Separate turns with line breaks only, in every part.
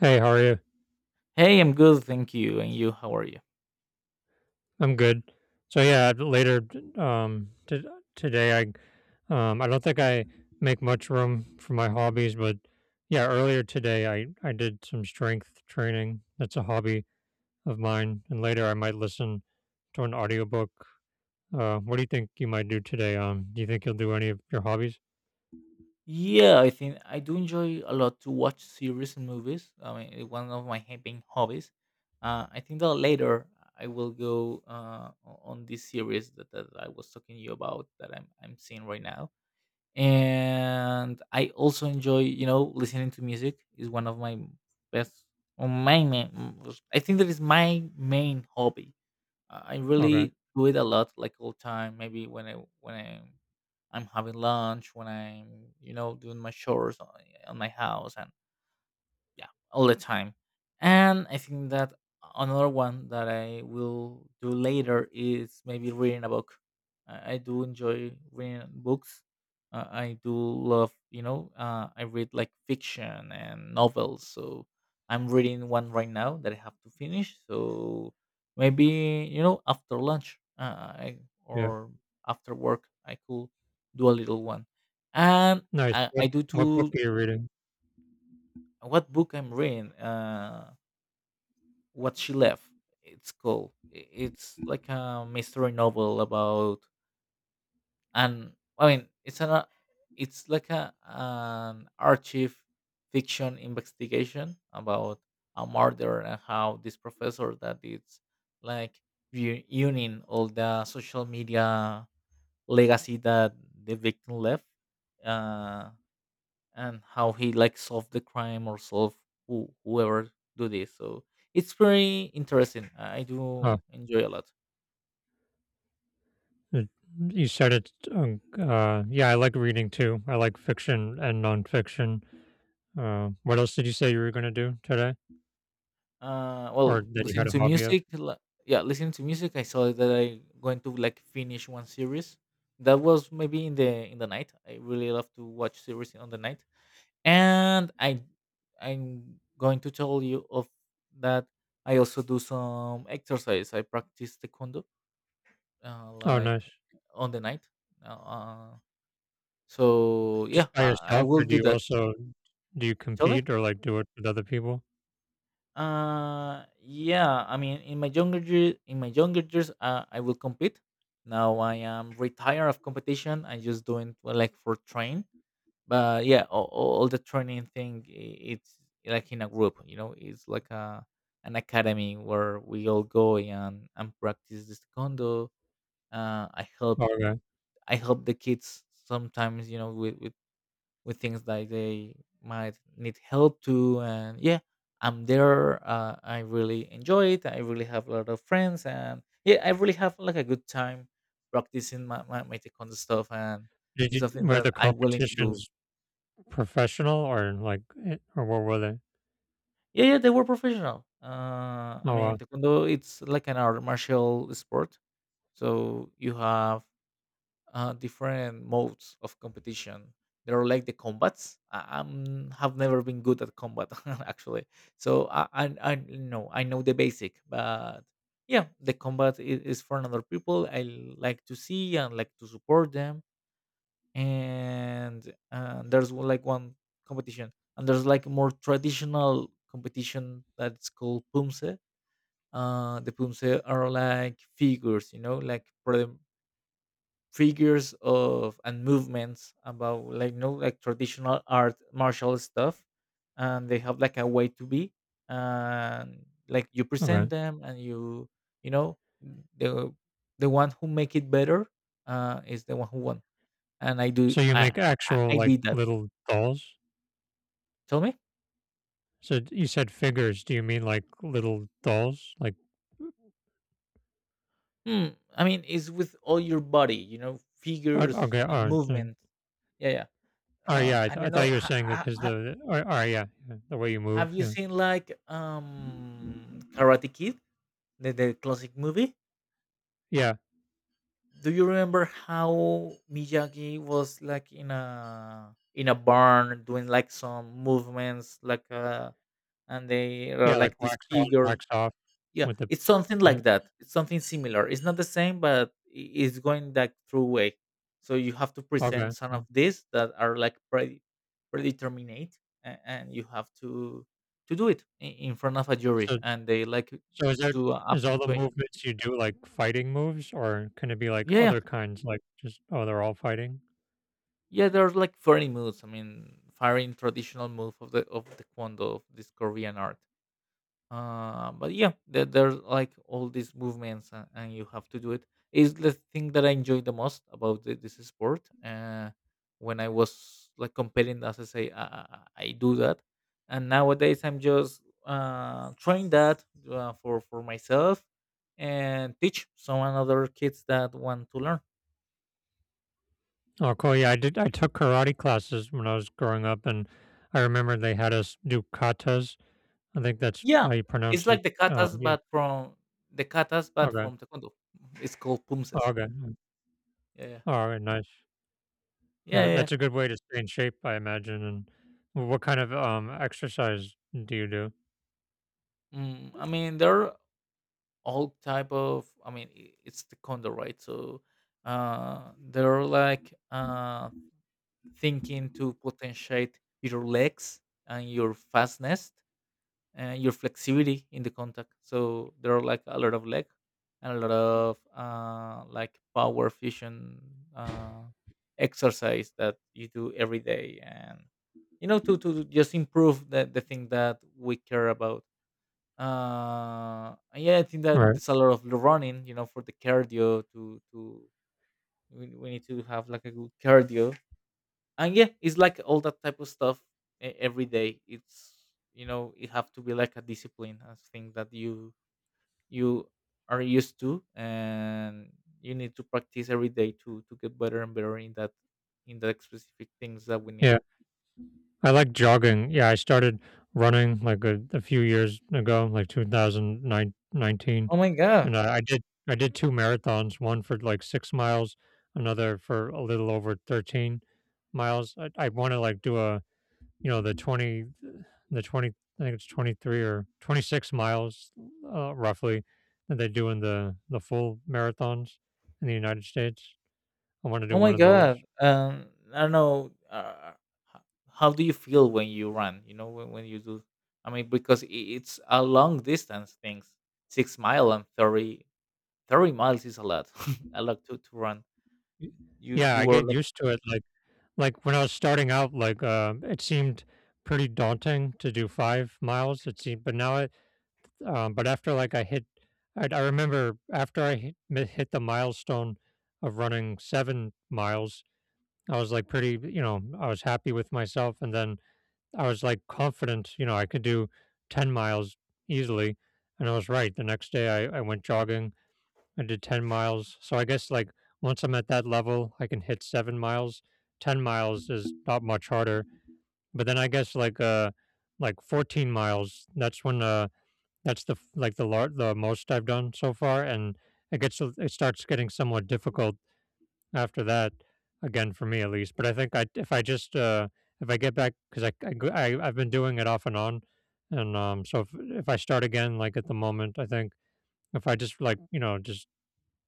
Hey, how are you?
Hey, I'm good, thank you. And you, how are you?
I'm good. So yeah, later, um t- today I don't think I make much room for my hobbies, but yeah, earlier today I did some strength training. That's a hobby of mine, and later I might listen to an audiobook. What do you think you might do today? Do you think you'll do any of your hobbies?
Yeah, I think I do enjoy a lot to watch series and movies. I mean, it's one of my main hobbies. I think that later I will go on this series that I was talking to you about that I'm seeing right now. And I also enjoy listening to music is one of my best, or my main, I think that is my main hobby. I
Okay.
really do it a lot, like all time. Maybe when when I'm I'm having lunch, when I'm doing my chores on my house, and yeah, all the time. And I think that another one that I will do later is maybe reading a book. I do enjoy reading books. I do love, I read like fiction and novels, so I'm reading one right now that I have to finish. So maybe after lunch uh, I,
Yeah.
or after work I could do a little one. And
Nice.
i,
What
I do
what book
too.
are you reading?
What book I'm reading? What She Left. It's cool. It's like a mystery novel about, and I mean it's an it's like a an archive fiction investigation about a murder, and how this professor that is like reunion all the social media legacy that the victim left. Uh, and how he like solved the crime, or solve whoever do this. So it's very interesting. I do
Oh,
enjoy a lot.
it you said it, yeah, I like reading too. I like fiction and nonfiction. What else did you say you were gonna do today or
Well,
that you had
listening
a
to
hobby of?
music, yeah, listening to music. I saw that I going to like finish one series. That was maybe in the night. I really love to watch series on the night, and I'm going to tell you of that. I also do some exercise. I practice taekwondo,
Oh,
like
nice.
on the night. Uh, So, yeah,
Just by
I
yourself,
will
or do
do
you
that.
also, do you
Tell me?
compete, or, like, do it with other people?
Yeah, I mean, in my younger years, I will compete. Now I am retired of competition. I just doing well, like for train. But yeah, all the training thing, it's like in a group. You know, it's like a an academy where we all go and practice this taekwondo. Uh, I help
Oh, okay.
I help the kids sometimes. You know, with things that they might need help to. And yeah, I'm there. I really enjoy it. I really have a lot of friends, and yeah, I really have like a good time practicing my taekwondo stuff. And
Did
it's
you
something
Were
that
the
I'm willing to do.
competitions professional, or, like, or what were they?
Yeah, yeah, they were professional. I
Oh,
mean
wow.
taekwondo, it's like an art martial sport, so you have different modes of competition. They're like the combats. Have never been good at combat actually, so I know the basic, but yeah, the combat is for another people. I like to see and like to support them. And like one competition, and there's like more traditional competition that's called Pumse. The Pumse are like figures, you know, like figures of and movements about like no like traditional art martial stuff, and they have like a way to be, and like you
Okay.
present them, and you. You know, the the one who make it better is the one who won. And I do.
So you make actual,
I
like,
did that.
little dolls?
Tell me?
So you said figures. Do you mean like little dolls? Like,
hmm I mean, it's with all your body, you know,
oh,
figures
okay,
and
oh, mm.
movement. Yeah, yeah.
Oh, yeah.
I don't
I thought
know.
you were saying that, because the oh, oh, yeah, yeah, the way you
Have
move.
you
Yeah,
seen like Karate Kid, the classic movie?
yeah,
Do you remember how Miyagi was like in a barn doing like some movements, like and they
yeah.
are
Like
like this
wax on,
figure?
wax off
Yeah,
with the
it's something like
paint.
that. It's something similar. It's not the same, but it's going that through way. So you have to present
Okay.
some of
Mm.
these that are like predeterminate, and you have to do it in front of a jury,
So
and they like
so
do a
is all the
punctuation.
movements you do like fighting moves, or can it be like
Yeah,
other kinds? Like, just, oh, they're all fighting.
yeah, there's like 40 moves. I mean, firing traditional move of the Kwando of this Korean art. But yeah, there's like all these movements, and you have to do it. Is the thing that I enjoy the most about this sport. When I was like competing, as I say, I do that, and nowadays I'm just trying that for myself, and teach some other kids that want to learn.
Oh, cool. Yeah, I did. I took karate classes when I was growing up, and I remember they had us do katas. I think that's
Yeah,
how you pronounce
it's
it.
like the katas,
Yeah.
but from the katas, but
Okay.
from taekwondo. It's called
Oh,
pumses.
okay.
Yeah, yeah,
All right. Nice. Yeah,
yeah, yeah, yeah.
that's a good way to stay in shape, I imagine. And what kind of exercise do you do?
I mean, there are all type of. I mean, it's taekwondo, right? So, they're like thinking to potentiate your legs and your fastness and your flexibility in the contact. So there are like a lot of leg and a lot of like power fusion uh, exercise that you do every day, and you know to just improve the thing that we care about. And yeah, I think that
Right.
there's a lot of running, you know, for the cardio we need to have like a good cardio. And yeah, it's like all that type of stuff. Every day it's, you know, it have to be like a discipline, a thing that you are used to. And you need to practice every day to get better and better in that, in that specific things that we need.
Yeah. I like jogging. Yeah, I started running, like, a few years ago, like 2019,
Oh my god.
and I did two marathons, one for like 6 miles, another for a little over 13 miles. I want to, like, do a, you know, the 20, the 20, I think it's 23 or 26 miles, roughly, that they do in the full marathons in the United States. I want to
oh
do
my
one of those.
god um I don't know. H- how do you feel when you run, you know, when you do? I mean, because it's a long distance things. 6 mile and 30, 30 miles is a lot a lot to run.
Y-
you
Yeah,
you
I
were
get
like.
used to it. Like, when I was starting out, like, it seemed pretty daunting to do 5 miles, it seemed, but now it, but after, like, I remember after I hit the milestone of running 7 miles. I was, like, pretty, you know, I was happy with myself, and then I was, like, confident, you know, I could do 10 miles easily, and I was right. The next day, I went jogging. I did 10 miles. So I guess, like, once I'm at that level, I can hit 7 miles. 10 miles is not much harder. But then I guess, like, like 14 miles, that's when that's the f- like the lar- the most I've done so far, and it gets, it starts getting somewhat difficult after that, again, for me at least. But I think I, if I just, if I get back, cuz I go- I I've been doing it off and on, and so if I start again, like, at the moment, I think if I just, like, you know, just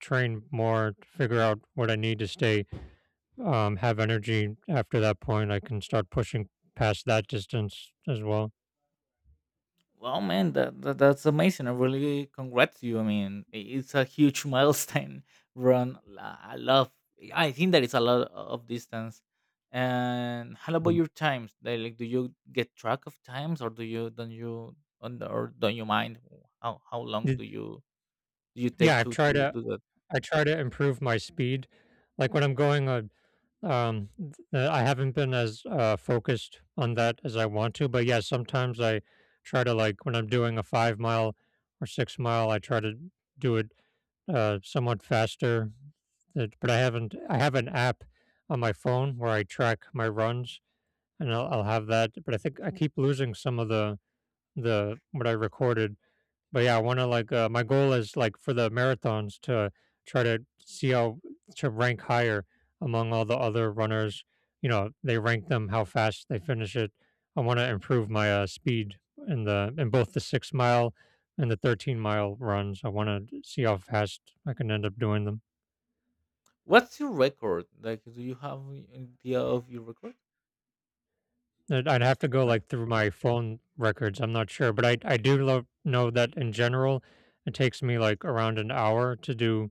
train more, figure out what I need to stay, have energy after that point. I can start pushing past that distance as well.
Wow, man, that's amazing. I really congrats you. I mean, it's a huge milestone run. I love. I think that it's a lot of distance. And how about
Mm.
your times? Like, do you get track of times, or do you don't you or don't you mind how long do
Did-
you take
Yeah,
to to do that?
I try to improve my speed. Like, when I'm going on, I haven't been as focused on that as I want to. But yeah, sometimes I try to, like, when I'm doing a 5 mile or 6 mile, I try to do it somewhat faster. But I haven't. I have an app on my phone where I track my runs, and I'll have that, but I think I keep losing some of the what I recorded. But yeah, I want to, like, my goal is, like, for the marathons to try to see how to rank higher among all the other runners. You know, they rank them how fast they finish it. I want to improve my speed in both the 6 mile and the 13 mile runs. I want to see how fast I can end up doing them.
What's your record? Like, do you have an idea of your record
I'd
in
have to
six
go,
miles
like, through my phone records. I'm not sure, but I do lo know that in general, it takes me, like, around an hour to do,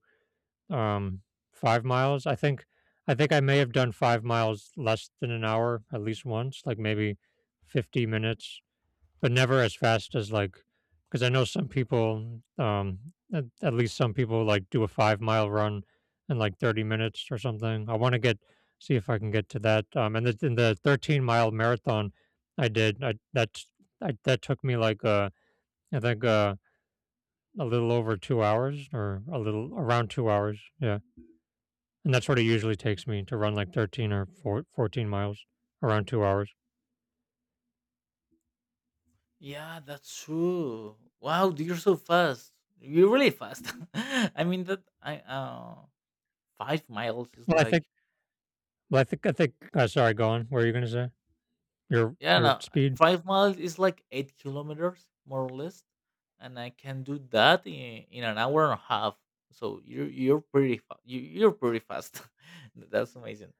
um, 5 miles, I think I may have done 5 miles less than an hour at least once, like, maybe 50 minutes, but never as fast as, like, because I know some people, at least some people like do a 5 mile run in like 30 minutes or something. I want to get see if I can get to that. And in the 13-mile marathon I did, I, that took me, like, I think, a little over 2 hours, or a little around 2 hours. Yeah, and that's what it usually takes me to run like 13 or four fourteen miles, around 2 hours.
Yeah, that's true. Wow, you're so fast. You're really fast. I mean that I 5 miles is
Well, I
like,
think. Well, I think. Sorry, go on. What are you gonna say? your
yeah,
your
no,
speed.
5 miles is like 8 kilometers more or less, and I can do that in an hour and a half. So you're pretty fast. That's amazing.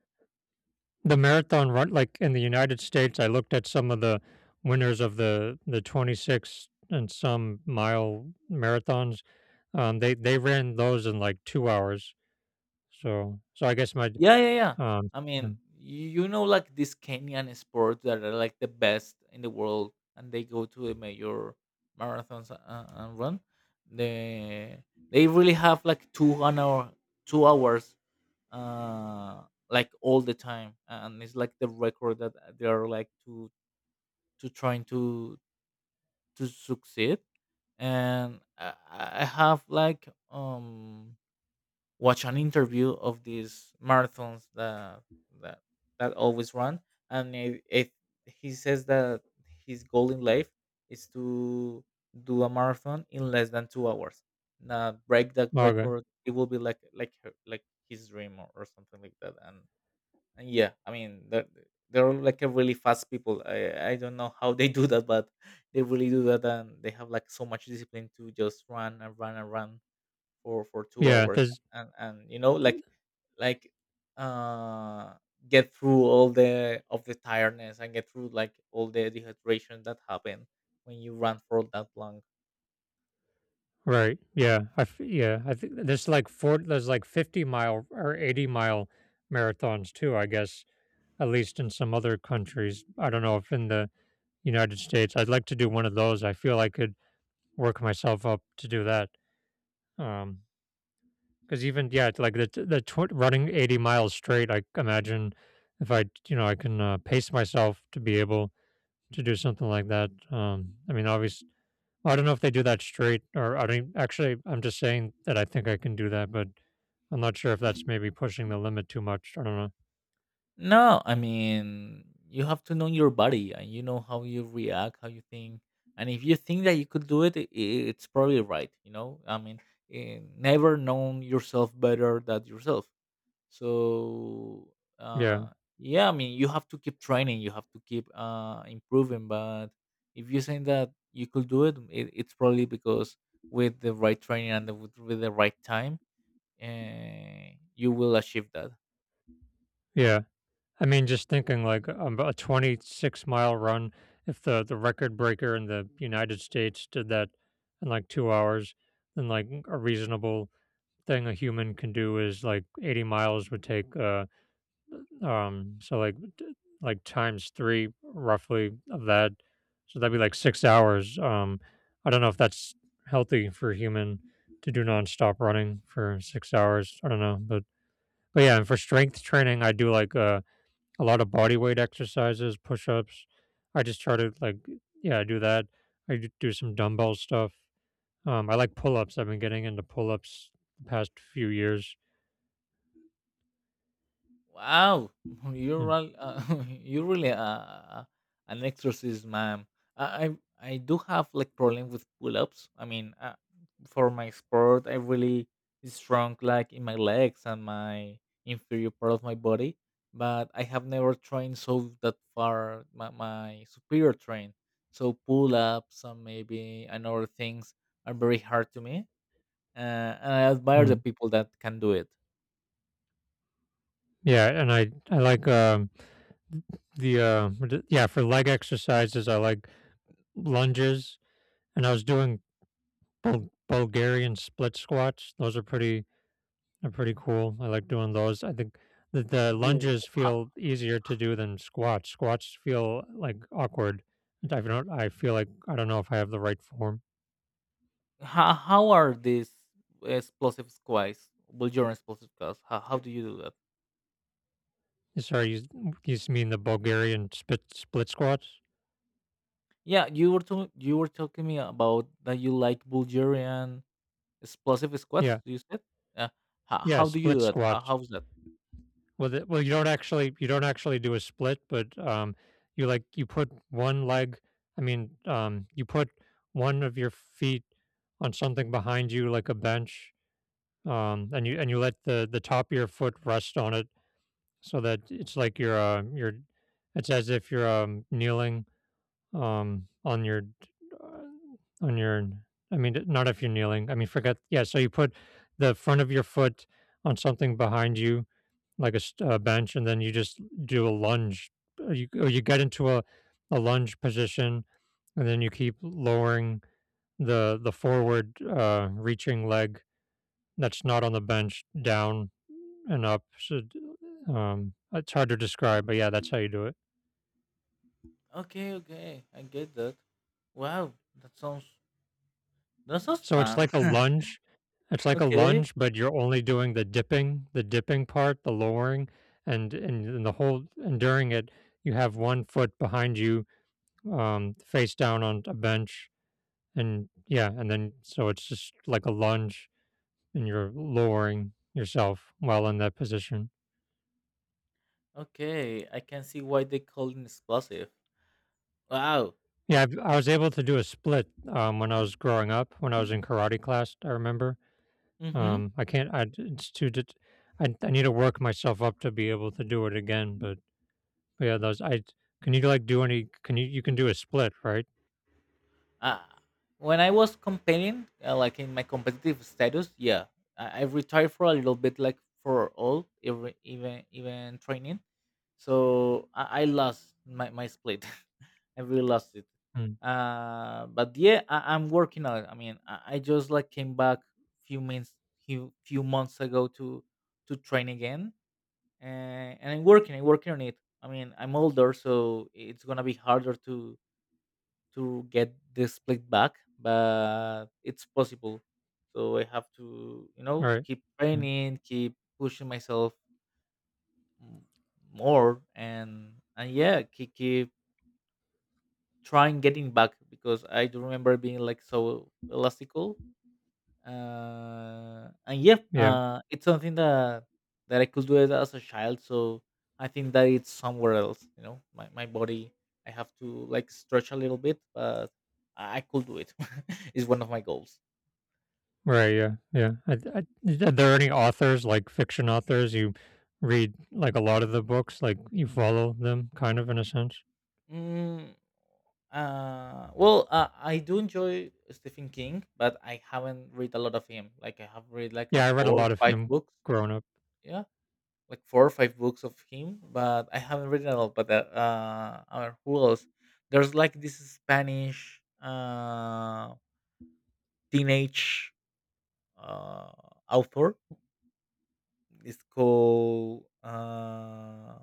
The marathon run, like in the United States, I looked at some of the winners of the 26 and some mile marathons. They ran those in like 2 hours. So I guess my
Yeah, yeah, yeah.
um
I
yeah.
mean, you know, like these Kenyan sports that are like the best in the world, and they go to the major marathons and run. They they really have like two an hour, 2 hours, uh, like all the time, and it's like the record that they are like to trying to succeed. And I have like watch an interview of these marathons that, that always run, and if he says that his goal in life is to do a marathon in less than 2 hours. Now break that
Margaret.
record, it will be like his dream, or something like that. And yeah, I mean they're all like a really fast people. I don't know how they do that, but they really do that, and they have like so much discipline to just run and run and run for 2
Yeah,
hours.
there's
And you know, like uh get through all the of the tiredness, and get through like all the dehydration that happen when you run for that long.
right. Yeah, yeah, I think there's like four. There's like 50 mile or 80-mile marathons too. I guess at least in some other countries. I don't know if in the United States. I'd like to do one of those. I feel like it work myself up to do that. Um, because even, yeah, it's like the running 80 miles straight, I imagine if I, you know, I can pace myself to be able to do something like that. I mean, obviously, I don't know if they do that straight, or I don't, actually. I'm just saying that I think I can do that, but I'm not sure if that's maybe pushing the limit too much. I don't know.
No, I mean, you have to know your body, and you know how you react, how you think. And if you think that you could do it, it's probably right, you know, I mean, never known yourself better than yourself, so
Yeah,
uh yeah, I mean, you have to keep training, you have to keep improving, but if you're saying that you could do it, it's probably because with the right training and with the right time, uh, you will achieve that.
yeah. I mean, just thinking, like, a 26-mile run, if the record breaker in the United States did that in like 2 hours, then like a reasonable thing a human can do is, like, 80 miles would take, so, like, like times three, roughly, of that. So that'd be like 6 hours. I don't know if that's healthy for a human to do nonstop running for 6 hours. I don't know, but yeah, and for strength training, I do, like, a lot of body weight exercises, push-ups. I just try to, like, yeah, I do that. I do some dumbbell stuff. I like pull-ups. I've been getting into pull-ups the past few years.
Wow, you're
Mm,
real- uh, you're really an exorcist, ma'am. I I do have like problem with pull-ups. I mean, for my sport, I really strong like in my legs and my inferior part of my body, but I have never trained so that far my superior train. So pull-ups, and maybe and other things are very hard to me, uh, and I admire the
mm.
people that can do it.
Yeah, and I like yeah, for leg exercises. I like lunges, and I was doing Bulgarian split squats. Those are pretty They're pretty cool. I like doing those. I think that the
Wow.
lunges feel easier to do than squats. Squats feel like awkward. I don't. I feel like I don't know if I have the right form.
How are these explosive squads? Well, your explosive squads. How do you do that?
Sorry, you mean the Bulgarian split squats?
Yeah, you were talking me about that you like Bulgarian explosive squads.
Yeah,
You said, yeah. How,
yeah,
how do you do
split
that? How,
squats.
how's that?
Well,
Uh,
you don't actually do a split, but you put one leg. I mean, you put one of your feet on something behind you, like a bench, and you let the top of your foot rest on it, so that it's like you're, you're, it's as if you're, kneeling, on your, uh, on your, I mean, not if you're kneeling, I mean, forget. Yeah, so you put the front of your foot on something behind you, like a bench, and then you just do a lunge, or you get into a lunge position, and then you keep lowering the forward, reaching leg that's not on the bench, down and up. So, it's hard to describe, but yeah, that's how you do it.
Okay, okay, I get that. Wow, that sounds that sounds
So it's
fun.
like a lunge. It's like a
Okay,
lunge, but you're only doing the dipping part, the lowering, and and the whole and during it, you have one foot behind you, face down on a bench, and yeah, and then so it's just like a lunge, and you're lowering yourself while in that position.
okay, I can see why they call it explosive. Wow.
Yeah, I was able to do a split, when I was growing up. When I was in karate class, I remember.
Mm-hmm.
I can't. I it's too. Det- I need to work myself up to be able to do it again. But yeah, those. I Can you like do any? Can you can do a split, right?
uh, when I was competing, like in my competitive status, yeah, I retired for a little bit, like for all, every, even training. So I lost my split. I really lost it.
Mm.
But yeah, I'm working on it. I mean, I just like came back few months few months ago to train again, and I'm working. I'm working on it. I mean, I'm older, so it's gonna be harder to get the split back, but it's possible. So I have to, you know,
Right.
keep
Mm.
training, keep pushing myself m- more, and yeah, keep trying getting back because I do remember being like so elastical, and yeah,
Yeah.
it's something that I could do it as a child. So I think that it's somewhere else. You know, my body, I have to like stretch a little bit, but I could do it. It's one of my goals.
Right. Yeah. Yeah. Are there any authors, like fiction authors, you read, like a lot of the books? Like you follow them, kind of, in a sense.
Mm, well, I do enjoy Stephen King, but I haven't read a lot of him. Like I have read like a
Yeah, I read a
four,
lot of
five
him
books.
growing up.
Yeah, like four or five books of him, but I haven't read it at all. But who else? There's like this Spanish teenage uh author. It's called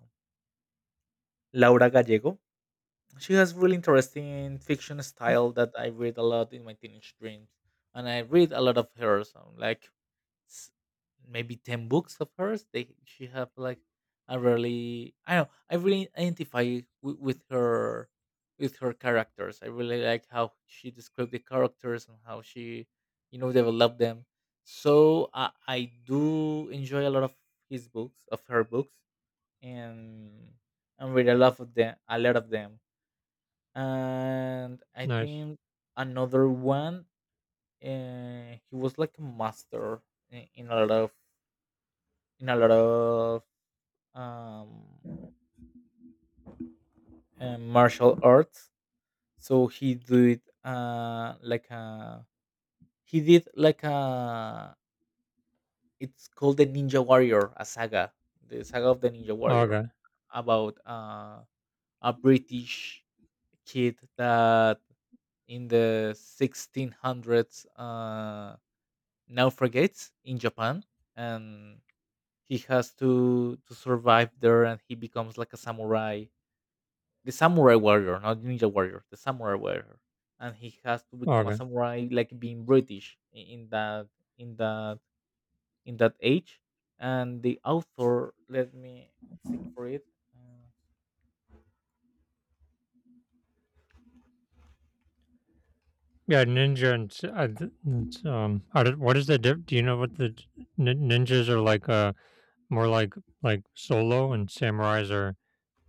Laura Gallego. She has really interesting fiction style that I read a lot in my teenage dreams, and I read a lot of hers. Um, like s- maybe 10 books of hers. They she have like a really, I don't know, I really identify with her characters. I really like how she described the characters and how she developed them. So I do enjoy a lot of his books of her books and and read a lot of them, and I
Nice.
think another one, he was like a master in a lot of um, martial arts. So he did, like a he did like a it's called the Ninja Warrior, a saga, the saga of the Ninja Warrior,
Okay.
about a British kid that in the 1600s, naufragates in Japan and he has to survive there and he becomes like a samurai, the samurai warrior, not ninja warrior, the samurai warrior, and he has to become a
Okay.
samurai, like being British, in that in that in that age. And the author, let me seek for it. Uh,
Yeah, ninja and s- th- it's, I what is the diff? Do you know what the ninjas are like? More like solo, and samurais are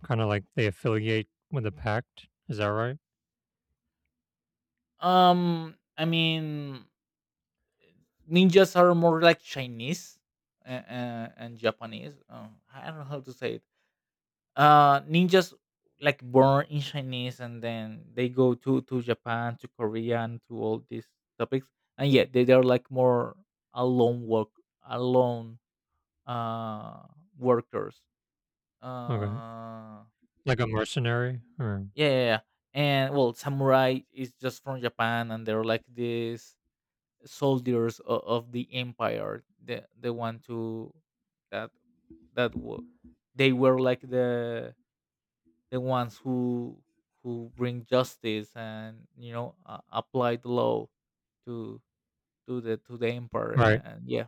kind of like they affiliate with a pact. Is that right?
I mean, ninjas are more like Chinese, and Japanese. I don't know how to say it. Ninjas, like, born in Chinese and then they go to japan to Korea and to all these topics, and yeah, they're like more alone work alone, uh workers.
Okay,
uh
like a mercenary, or
yeah, yeah, yeah. And well, samurai is just from Japan and they're like these soldiers of the empire, the one to that that wa- they were like the ones who bring justice and apply the law to to the empire,
right?
and yeah.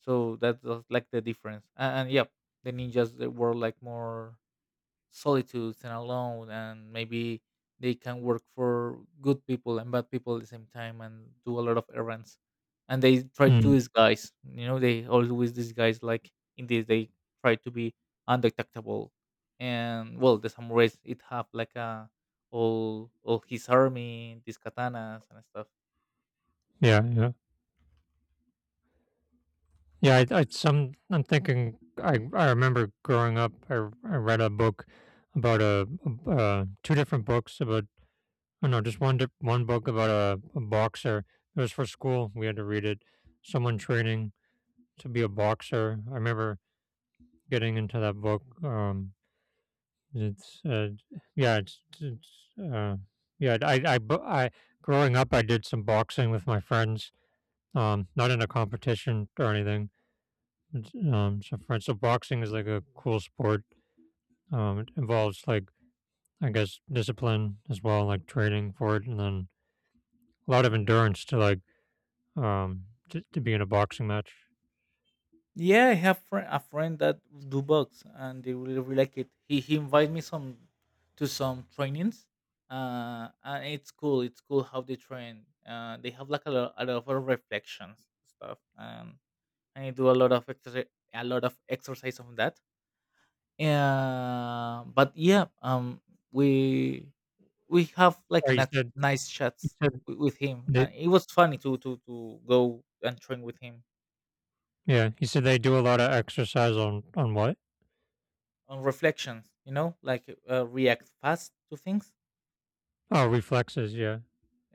So that's just like the difference, and yeah, the ninjas, they were like more solitude and alone, and maybe they can work for good people and bad people at the same time and do a lot of errands, and they try to
Mm.
disguise, they always disguise like in this they try to be undetectable. And well, the samurais it have like a, all his army, these katanas and stuff.
Yeah, yeah, yeah. I'm thinking. I remember growing up. I read a book about a two different books about— oh no, just one book about a boxer. It was for school. We had to read it. Someone training to be a boxer. I remember getting into that book. It's yeah, it's yeah. I bu- I Growing up, I did some boxing with my friends. Not in a competition or anything. It's, so friends. So boxing is like a cool sport. It involves like, I guess, discipline as well, like training for it, and then a lot of endurance to like, um, to be in a boxing match.
Yeah, I have fri a friend that do bugs, and they really, really like it. He invited me some to some trainings, and it's cool. It's cool how they train. They have like a lot of reflections stuff, and I do a lot of exercise, a lot of exercise on that. Yeah, but yeah, we we have like
Sorry,
nice nice
you
chats
said
with him.
they
It was funny to go and train with him.
yeah, you said they do a lot of exercise on— on what?
On reflections, like, react fast to things.
Oh, reflexes, yeah.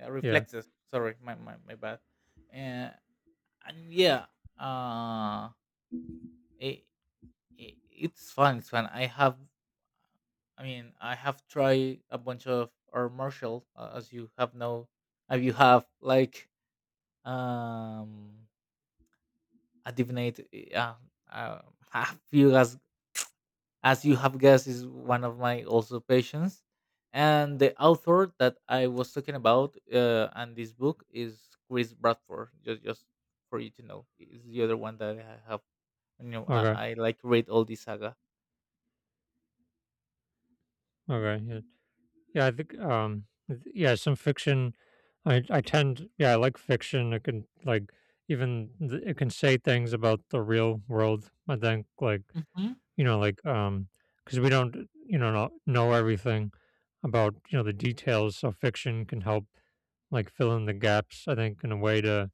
Yeah.
Reflexes, sorry, my bad. uh, and yeah. Uh it, it, it's fun it's fun I have, I mean, I have tried a bunch of or martial, as you have know. You have like um a divinate, uh, uh, you guys, as you have guessed, is one of my also patients. And the author that I was talking about, and this book is Chris Bradford. Just for you to know, is the other one that I have. You know, I,
Okay.
I like read all the saga.
Okay. Yeah. Yeah, I think yeah, some fiction, I tend yeah, I like fiction. It can like, even it can say things about the real world. I think, like,
Hmm.
you know, like, um, because we don't, you know, not know everything about, you know, the details. So fiction can help like fill in the gaps, I think, in a way to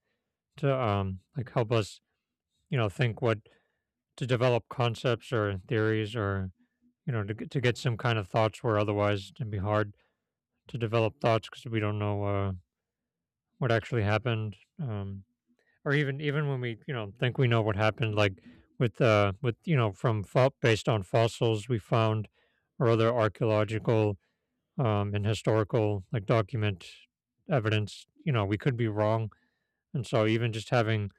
to um, like help us, you know, think what— to develop concepts or theories, or, you know, to to get some kind of thoughts where otherwise it'd be hard to develop thoughts because we don't know, what actually happened, or even, even when we, you know, think we know what happened, like with with, you know, from based on fossils we found or other archaeological, and historical, like, document evidence, you know, we could be wrong, and so even just having,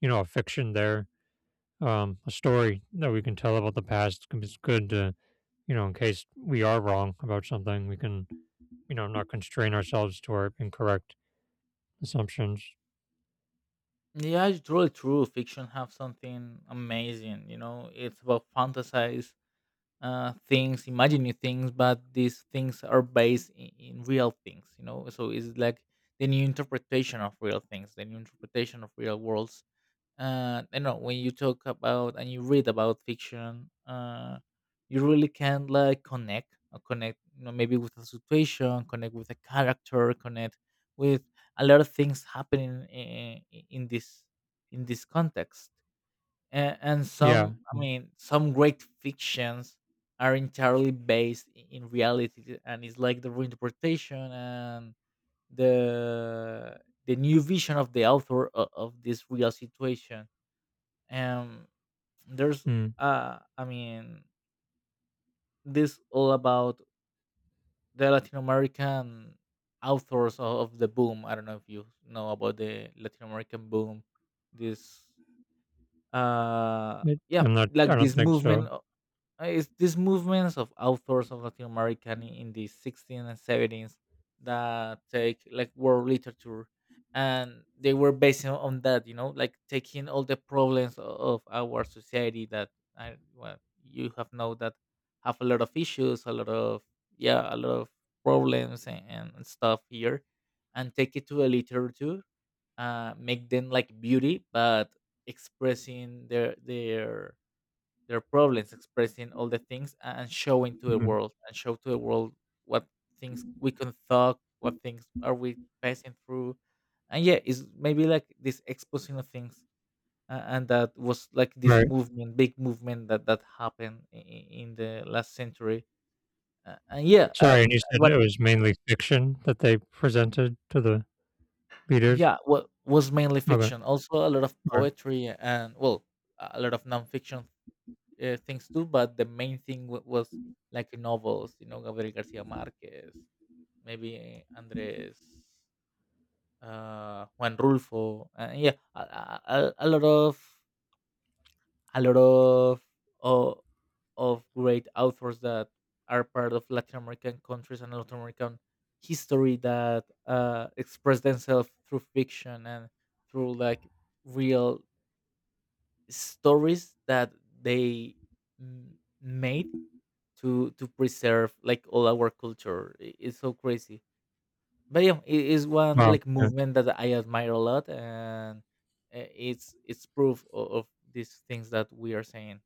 you know, a fiction there, a story that we can tell about the past is good to, you know, in case we are wrong about something, we can, you know, not constrain ourselves to our incorrect assumptions.
Yeah, it's really true. Fiction have something amazing. You know, it's about fantasy. Things, imagine new things, but these things are based in real things, you know. So it's like the new interpretation of real things, the new interpretation of real worlds. You know, when you talk about and you read about fiction, you really can like connect, maybe with a situation, connect with a character, connect with a lot of things happening in this in this context, and
Yeah.
some, I mean, some great fictions are entirely based, in reality, and it's like the reinterpretation and the the new vision of the author of this real situation. um there's,
Mm.
I mean, this all about the Latin American authors of the boom. I don't know if you know about the Latin American boom. This,
It,
yeah,
I'm not, I
like
don't
this
think
movement.
so.
It's these movements of authors of Latin American in the 16th and 17th that take like world literature, and they were based on that, you know, like taking all the problems of our society that, I, well, you have know that have a lot of issues, a lot of, yeah, a lot of problems and stuff here, and take it to a literature, make them like beauty, but expressing their problems, expressing all the things and showing to the
Mm.
world and show to the world what things we can talk, what things are we passing through. And yeah, it's maybe like this exposing of things. And that was like this
Right.
movement, big movement that happened in the last century. And yeah,
Sorry. And you said
what?
it was mainly fiction that they presented to the leaders?
Yeah, what was mainly
Okay. All
fiction. Also a lot of
right.
poetry and, well, a lot of nonfiction things too, but the main thing was like novels, you know, Gabriel Garcia Marquez, maybe Andres, Juan Rulfo, yeah, a lot of a lot of oh, great authors that are part of Latin American countries and Latin American history that, express themselves through fiction and through like real stories that they, mm, made to preserve like all our culture. It's so crazy, but yeah, it is one
Wow.
like
Yeah.
movement that I admire a lot, and it's proof of these things that we are saying.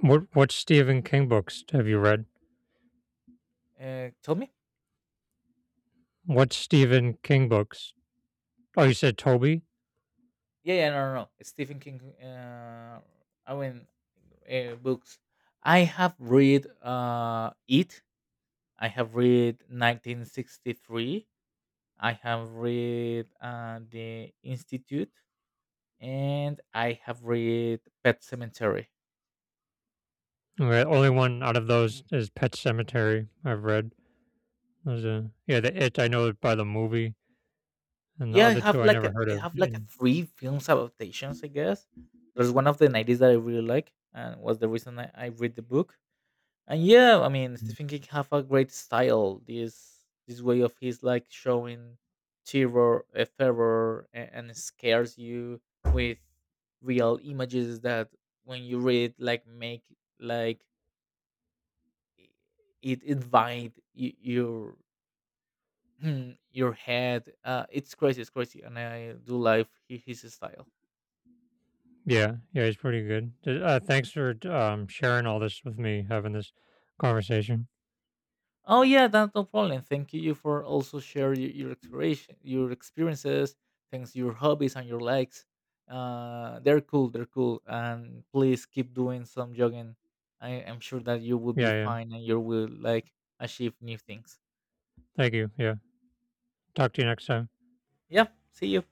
What Stephen King books have you read?
Tell me.
What Stephen King books? Oh, you said Toby?
Yeah, yeah, no, no, no. Stephen King. I mean, books. I have read It. I have read 1963. I have read the Institute, and I have read Pet Cemetery.
Okay, the only one out of those is Pet Cemetery I've read. There's a, yeah, the It I know by the movie, and the
Yeah, I
other
have
two I
like a,
never heard of. And—
three films adaptations, I guess. There's one of the 90s that I really like and was the reason I read the book. And yeah, I mean
mm.
Stephen King have a great style, this way of his like showing terror and scares you with real images that when you read like make, like i- it invite your your head. It's crazy, it's crazy, and I do like his style.
Yeah, yeah, he's pretty good. D- thanks for, sharing all this with me, having this conversation.
Oh yeah, that's no problem. Thank you for also share your exploration, your experiences, thanks your hobbies and your likes. They're cool, they're cool, and please keep doing some jogging. I am sure that you will be
Yeah, yeah.
fine and you will like achieve new things.
Thank you. Yeah. Talk to you next time.
Yep, see you.